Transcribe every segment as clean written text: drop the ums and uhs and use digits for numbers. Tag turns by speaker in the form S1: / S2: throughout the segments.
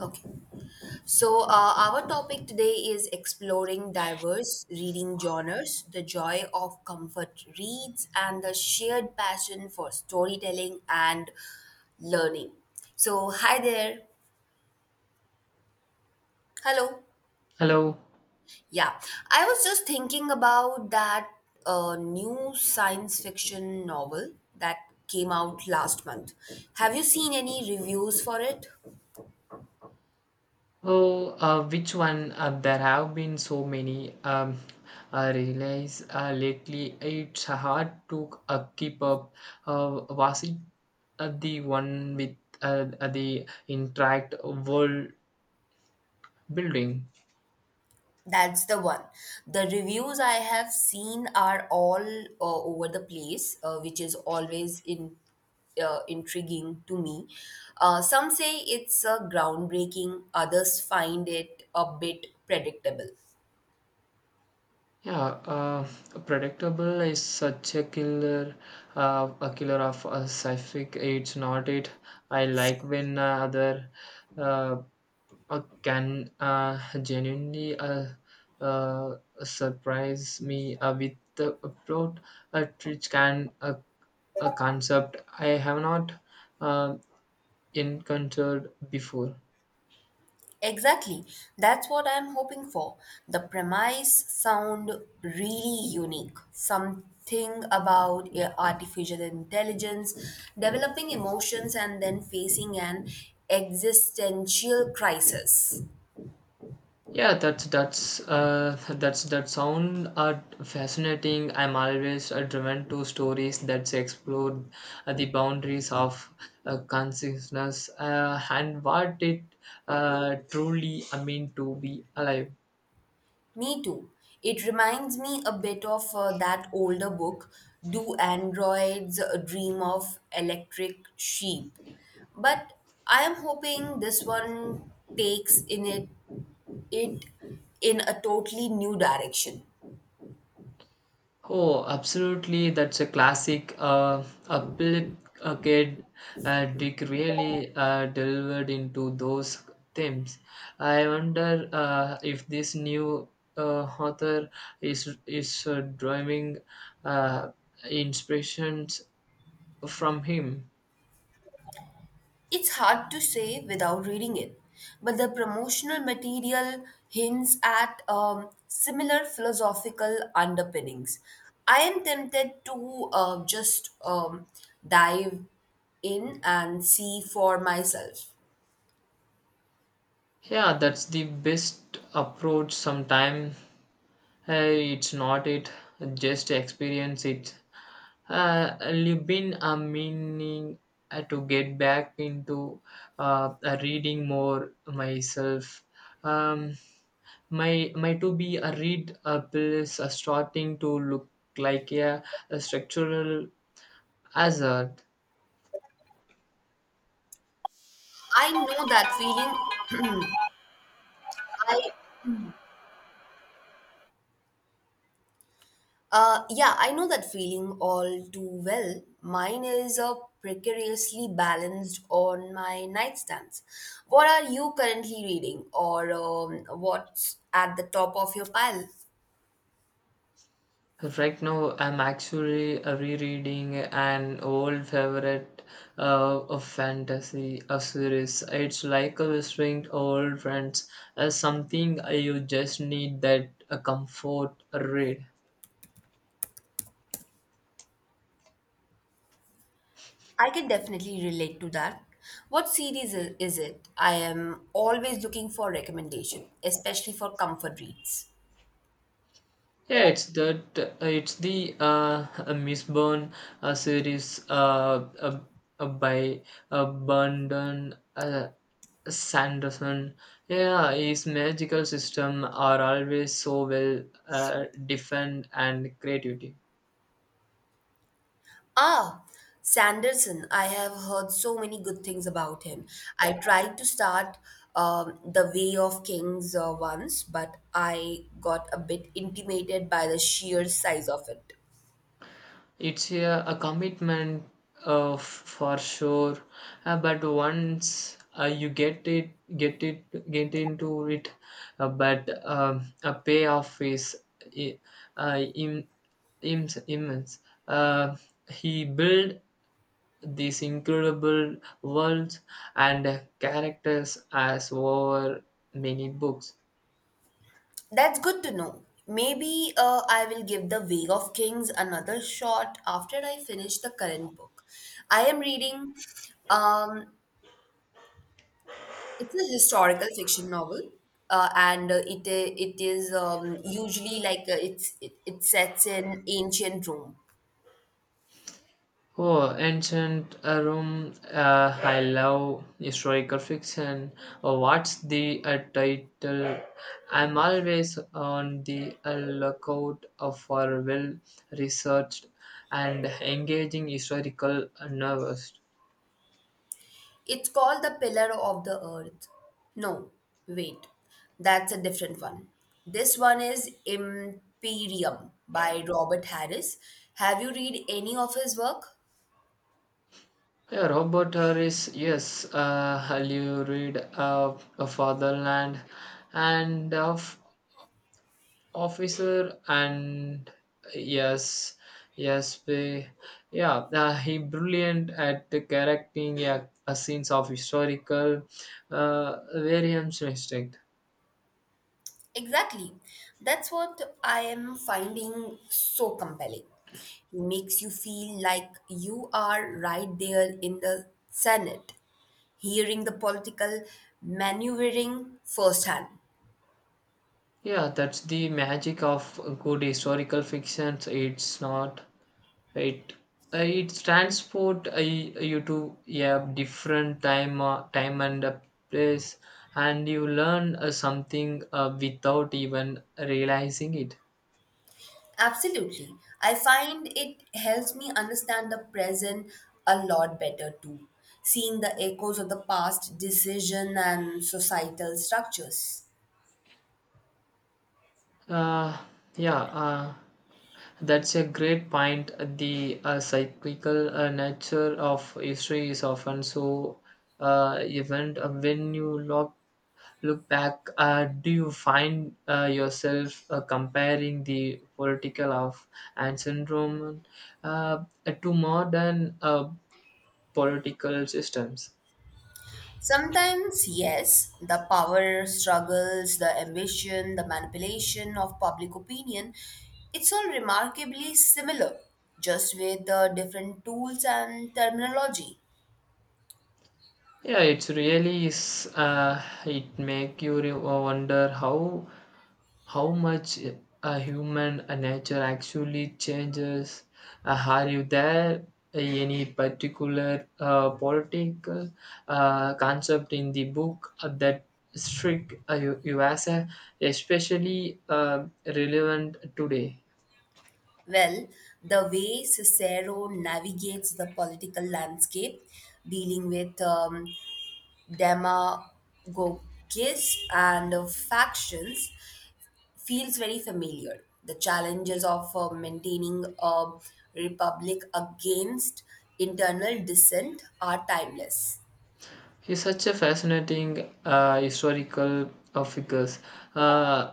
S1: Okay. So, our topic today is exploring diverse reading genres, the joy of comfort reads, and the shared passion for storytelling and learning. So, hi there. Hello.
S2: Hello.
S1: Yeah, I was just thinking about that new science fiction novel that came out last month. Have you seen any reviews for it?
S2: Oh, which one? There have been so many. I realize lately it's hard to keep up. Was it the one with the interact world building?
S1: That's the one. The reviews I have seen are all over the place, which is always in intriguing to me. Some say it's groundbreaking, others find it a bit predictable.
S2: Yeah, predictable is such a killer of a sci-fi. It's not it. I like when other uh, can genuinely uh, surprise me with the plot, which can a concept I have not uh, encountered before.
S1: Exactly. That's what I'm hoping for. The premise sound really unique. Something about artificial intelligence developing emotions and then facing an existential crisis.
S2: Yeah, that sound fascinating. I'm always driven to stories that explore the boundaries of consciousness, and what it truly mean to be alive.
S1: Me too. It reminds me a bit of that older book, Do Androids Dream of Electric Sheep? But I am hoping this one takes in it it in a totally new direction.
S2: Oh, absolutely. That's a classic. A Philip Kid Dick really delivered into those themes. I wonder if this new author is drawing uh, inspirations from him.
S1: It's hard to say without reading it, but the promotional material hints at similar philosophical underpinnings. I am tempted to just dive in and see for myself.
S2: Yeah, that's the best approach. Sometime hey, it's not it. Just experience it. I've been meaning to get back into reading more myself. Um, my to be a read bill is starting to look like a structural hazard.
S1: I know that feeling. I yeah, I know that feeling all too well. Mine is a precariously balanced on my nightstands. What are you currently reading, or what's at the top of your pile?
S2: Right now, I'm actually rereading an old favorite uh, of fantasy a series. It's like a visiting old friends, something you just need that comfort read.
S1: I can definitely relate to that. What series is it? I am always looking for recommendation, especially for comfort reads.
S2: Yeah, it's the Miss Byrne series by Brandon Sanderson. Yeah, his magical system are always so well defined and creativity.
S1: Ah, Sanderson. I have heard so many good things about him. I tried to start The Way of Kings once, but I got a bit intimidated by the sheer size of it.
S2: It's a commitment for sure, but once you get into it, but a payoff is i- uh, im- immense. Uh, he built these incredible worlds and characters as over many books.
S1: That's good to know. Maybe I will give The Way of Kings another shot after I finish the current book. I am reading um, it's a historical fiction novel, and it it is usually like it sets in ancient Rome.
S2: Oh, ancient Rome! I love historical fiction. Oh, what's the title? I'm always on the lookout for well-researched and engaging historical novels.
S1: It's called The Pillar of the Earth. No, wait, that's a different one. This one is Imperium by Robert Harris. Have you read any of his work?
S2: Yeah, Robert Harris, yes, have you read of a Fatherland and of Officer and yes, yes, we, yeah, he brilliant at the correcting a scenes of historical variance mistake.
S1: Exactly. That's what I am finding so compelling. He makes you feel like you are right there in the Senate, hearing the political maneuvering firsthand.
S2: Yeah, that's the magic of good historical fiction. It's not right. It's transport you to yeah different time and place, and you learn something without even realizing it.
S1: Absolutely. I find it helps me understand the present a lot better too, seeing the echoes of the past decision and societal structures.
S2: Uh, yeah. That's a great point. The cyclical nature of history is often so event. When you look back, do you find yourself comparing the political of ancient Roman uh, to modern political systems?
S1: Sometimes, yes, the power struggles, the ambition, the manipulation of public opinion, it's all remarkably similar, just with the different tools and terminology.
S2: Yeah, it's really is. It make you wonder how much a human nature actually changes? Are you there any particular political concept in the book that struck you as a especially relevant today?
S1: Well, the way Cicero navigates the political landscape, dealing with demagogues and factions, feels very familiar. The challenges of maintaining a republic against internal dissent are timeless.
S2: He's such a fascinating historical figure. Uh,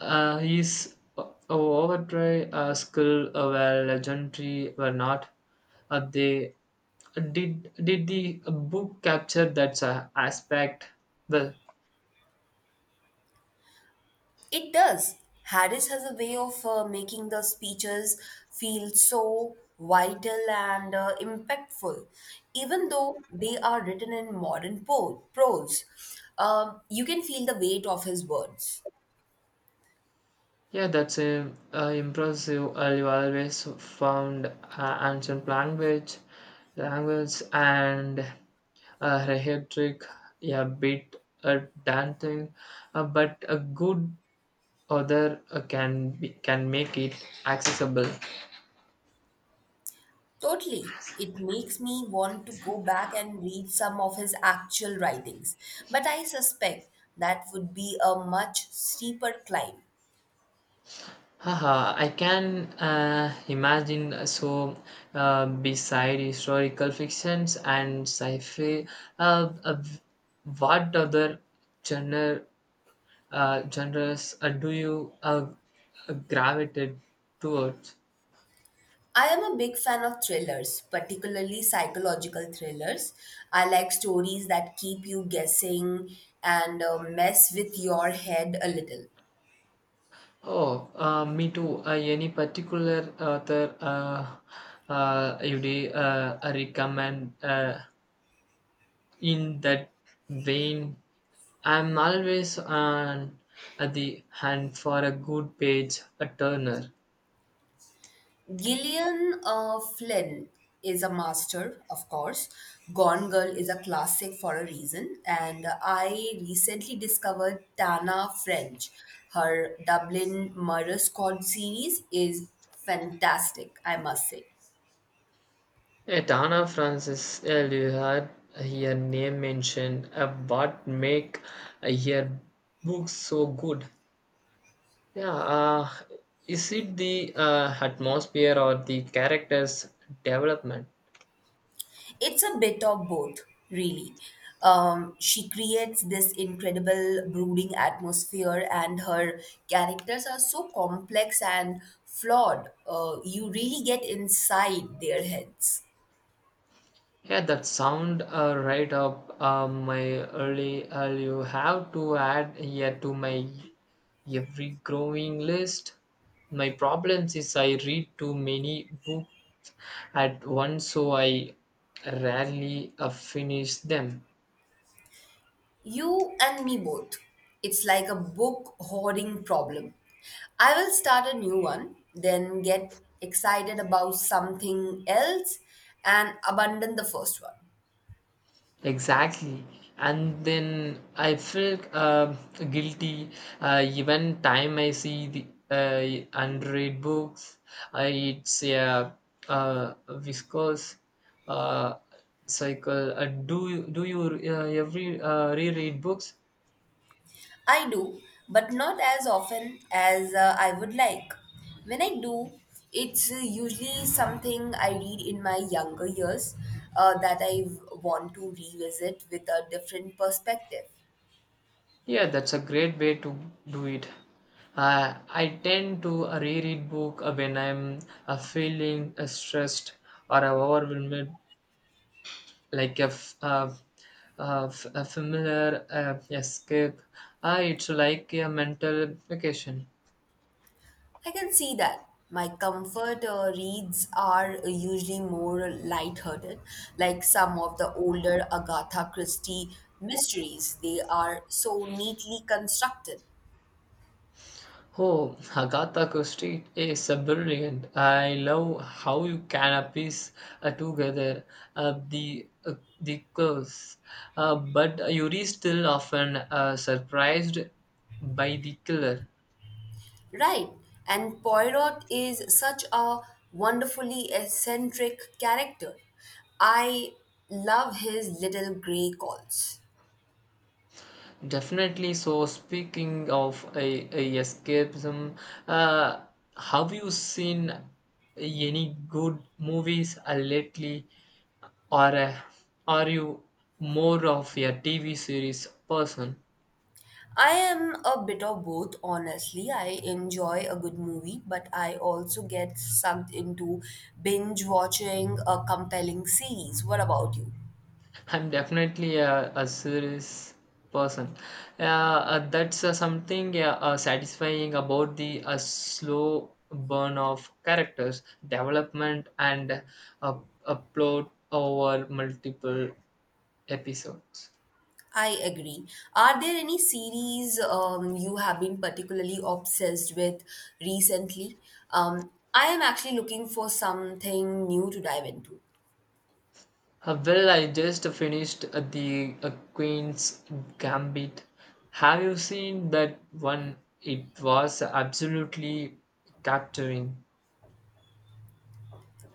S2: his overdrive skill were legendary were not. They did the book capture that aspect well.
S1: It does. Harris has a way of making the speeches feel so vital and impactful, even though they are written in prose. You can feel the weight of his words.
S2: Yeah, that's a impressive. You always found language and rhetoric, yeah, bit daunting, but a good other can make it accessible.
S1: Totally. It makes me want to go back and read some of his actual writings, but I suspect that would be a much steeper climb.
S2: Haha, I can imagine so, beside historical fictions and sci-fi, uh, uh, what other genre genres do you gravitate towards?
S1: I am a big fan of thrillers, particularly psychological thrillers. I like stories that keep you guessing and mess with your head a little.
S2: Oh, me too. Any particular author, you'd recommend? In that vein, I'm always on at the hunt for a good page a turner.
S1: Gillian Flynn is a master, of course. Gone Girl is a classic for a reason. And I recently discovered Tana French. Her Dublin Murder Squad series is fantastic, I must say.
S2: A Donna Francis earlier her name mentioned, what make her books so good. Yeah, is it the atmosphere or the characters development?
S1: It's a bit of both, really. She creates this incredible brooding atmosphere, and her characters are so complex and flawed. You really get inside their heads.
S2: Yeah, that sound right up my early. You have to add here to my every growing list. My problems is I read too many books at once, so I rarely finish them.
S1: You and me both. It's like a book hoarding problem. I will start a new one, then get excited about something else and abandon the first one.
S2: Exactly. And then I feel guilty even time I see the unread books. It's a viscous uh, cycle. Do you every reread books?
S1: I do, but not as often as I would like. When I do, it's usually something I read in my younger years that I want to revisit with a different perspective.
S2: Yeah, that's a great way to do it. I tend to reread book when I'm feeling stressed or overwhelmed like a, uh, familiar escape. Ah, it's like a mental vacation.
S1: I can see that. My comfort reads are usually more lighthearted, like some of the older Agatha Christie mysteries. They are so neatly constructed.
S2: Oh, Agatha Christie is a brilliant. I love how you can piece together uh, the uh, the curves, but Yuri still often surprised by the killer.
S1: Right. And Poirot is such a wonderfully eccentric character. I love his little grey calls.
S2: Definitely. So, speaking of a escapism, uh, have you seen any good movies lately, or are you more of a TV series person?
S1: I am a bit of both, honestly. I enjoy a good movie, but I also get sucked into binge watching a compelling series. What about you?
S2: I'm definitely a series person. That's something satisfying about the slow burn of characters development and uh, a plot over multiple episodes.
S1: I agree. Are there any series you have been particularly obsessed with recently? I am actually looking for something new to dive into.
S2: Well, I just finished the Queen's Gambit. Have you seen that one? It was absolutely capturing.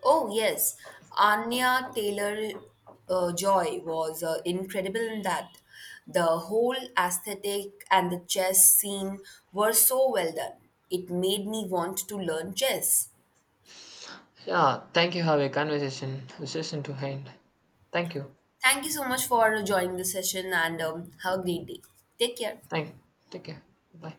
S1: Oh, yes. Anya Taylor Joy was incredible in that. The whole aesthetic and the chess scene were so well done. It made me want to learn chess.
S2: Yeah, thank you. Have a conversation session to end. Thank you.
S1: Thank you so much for joining the session and have a great day. Take care.
S2: Thank. Take care. Bye.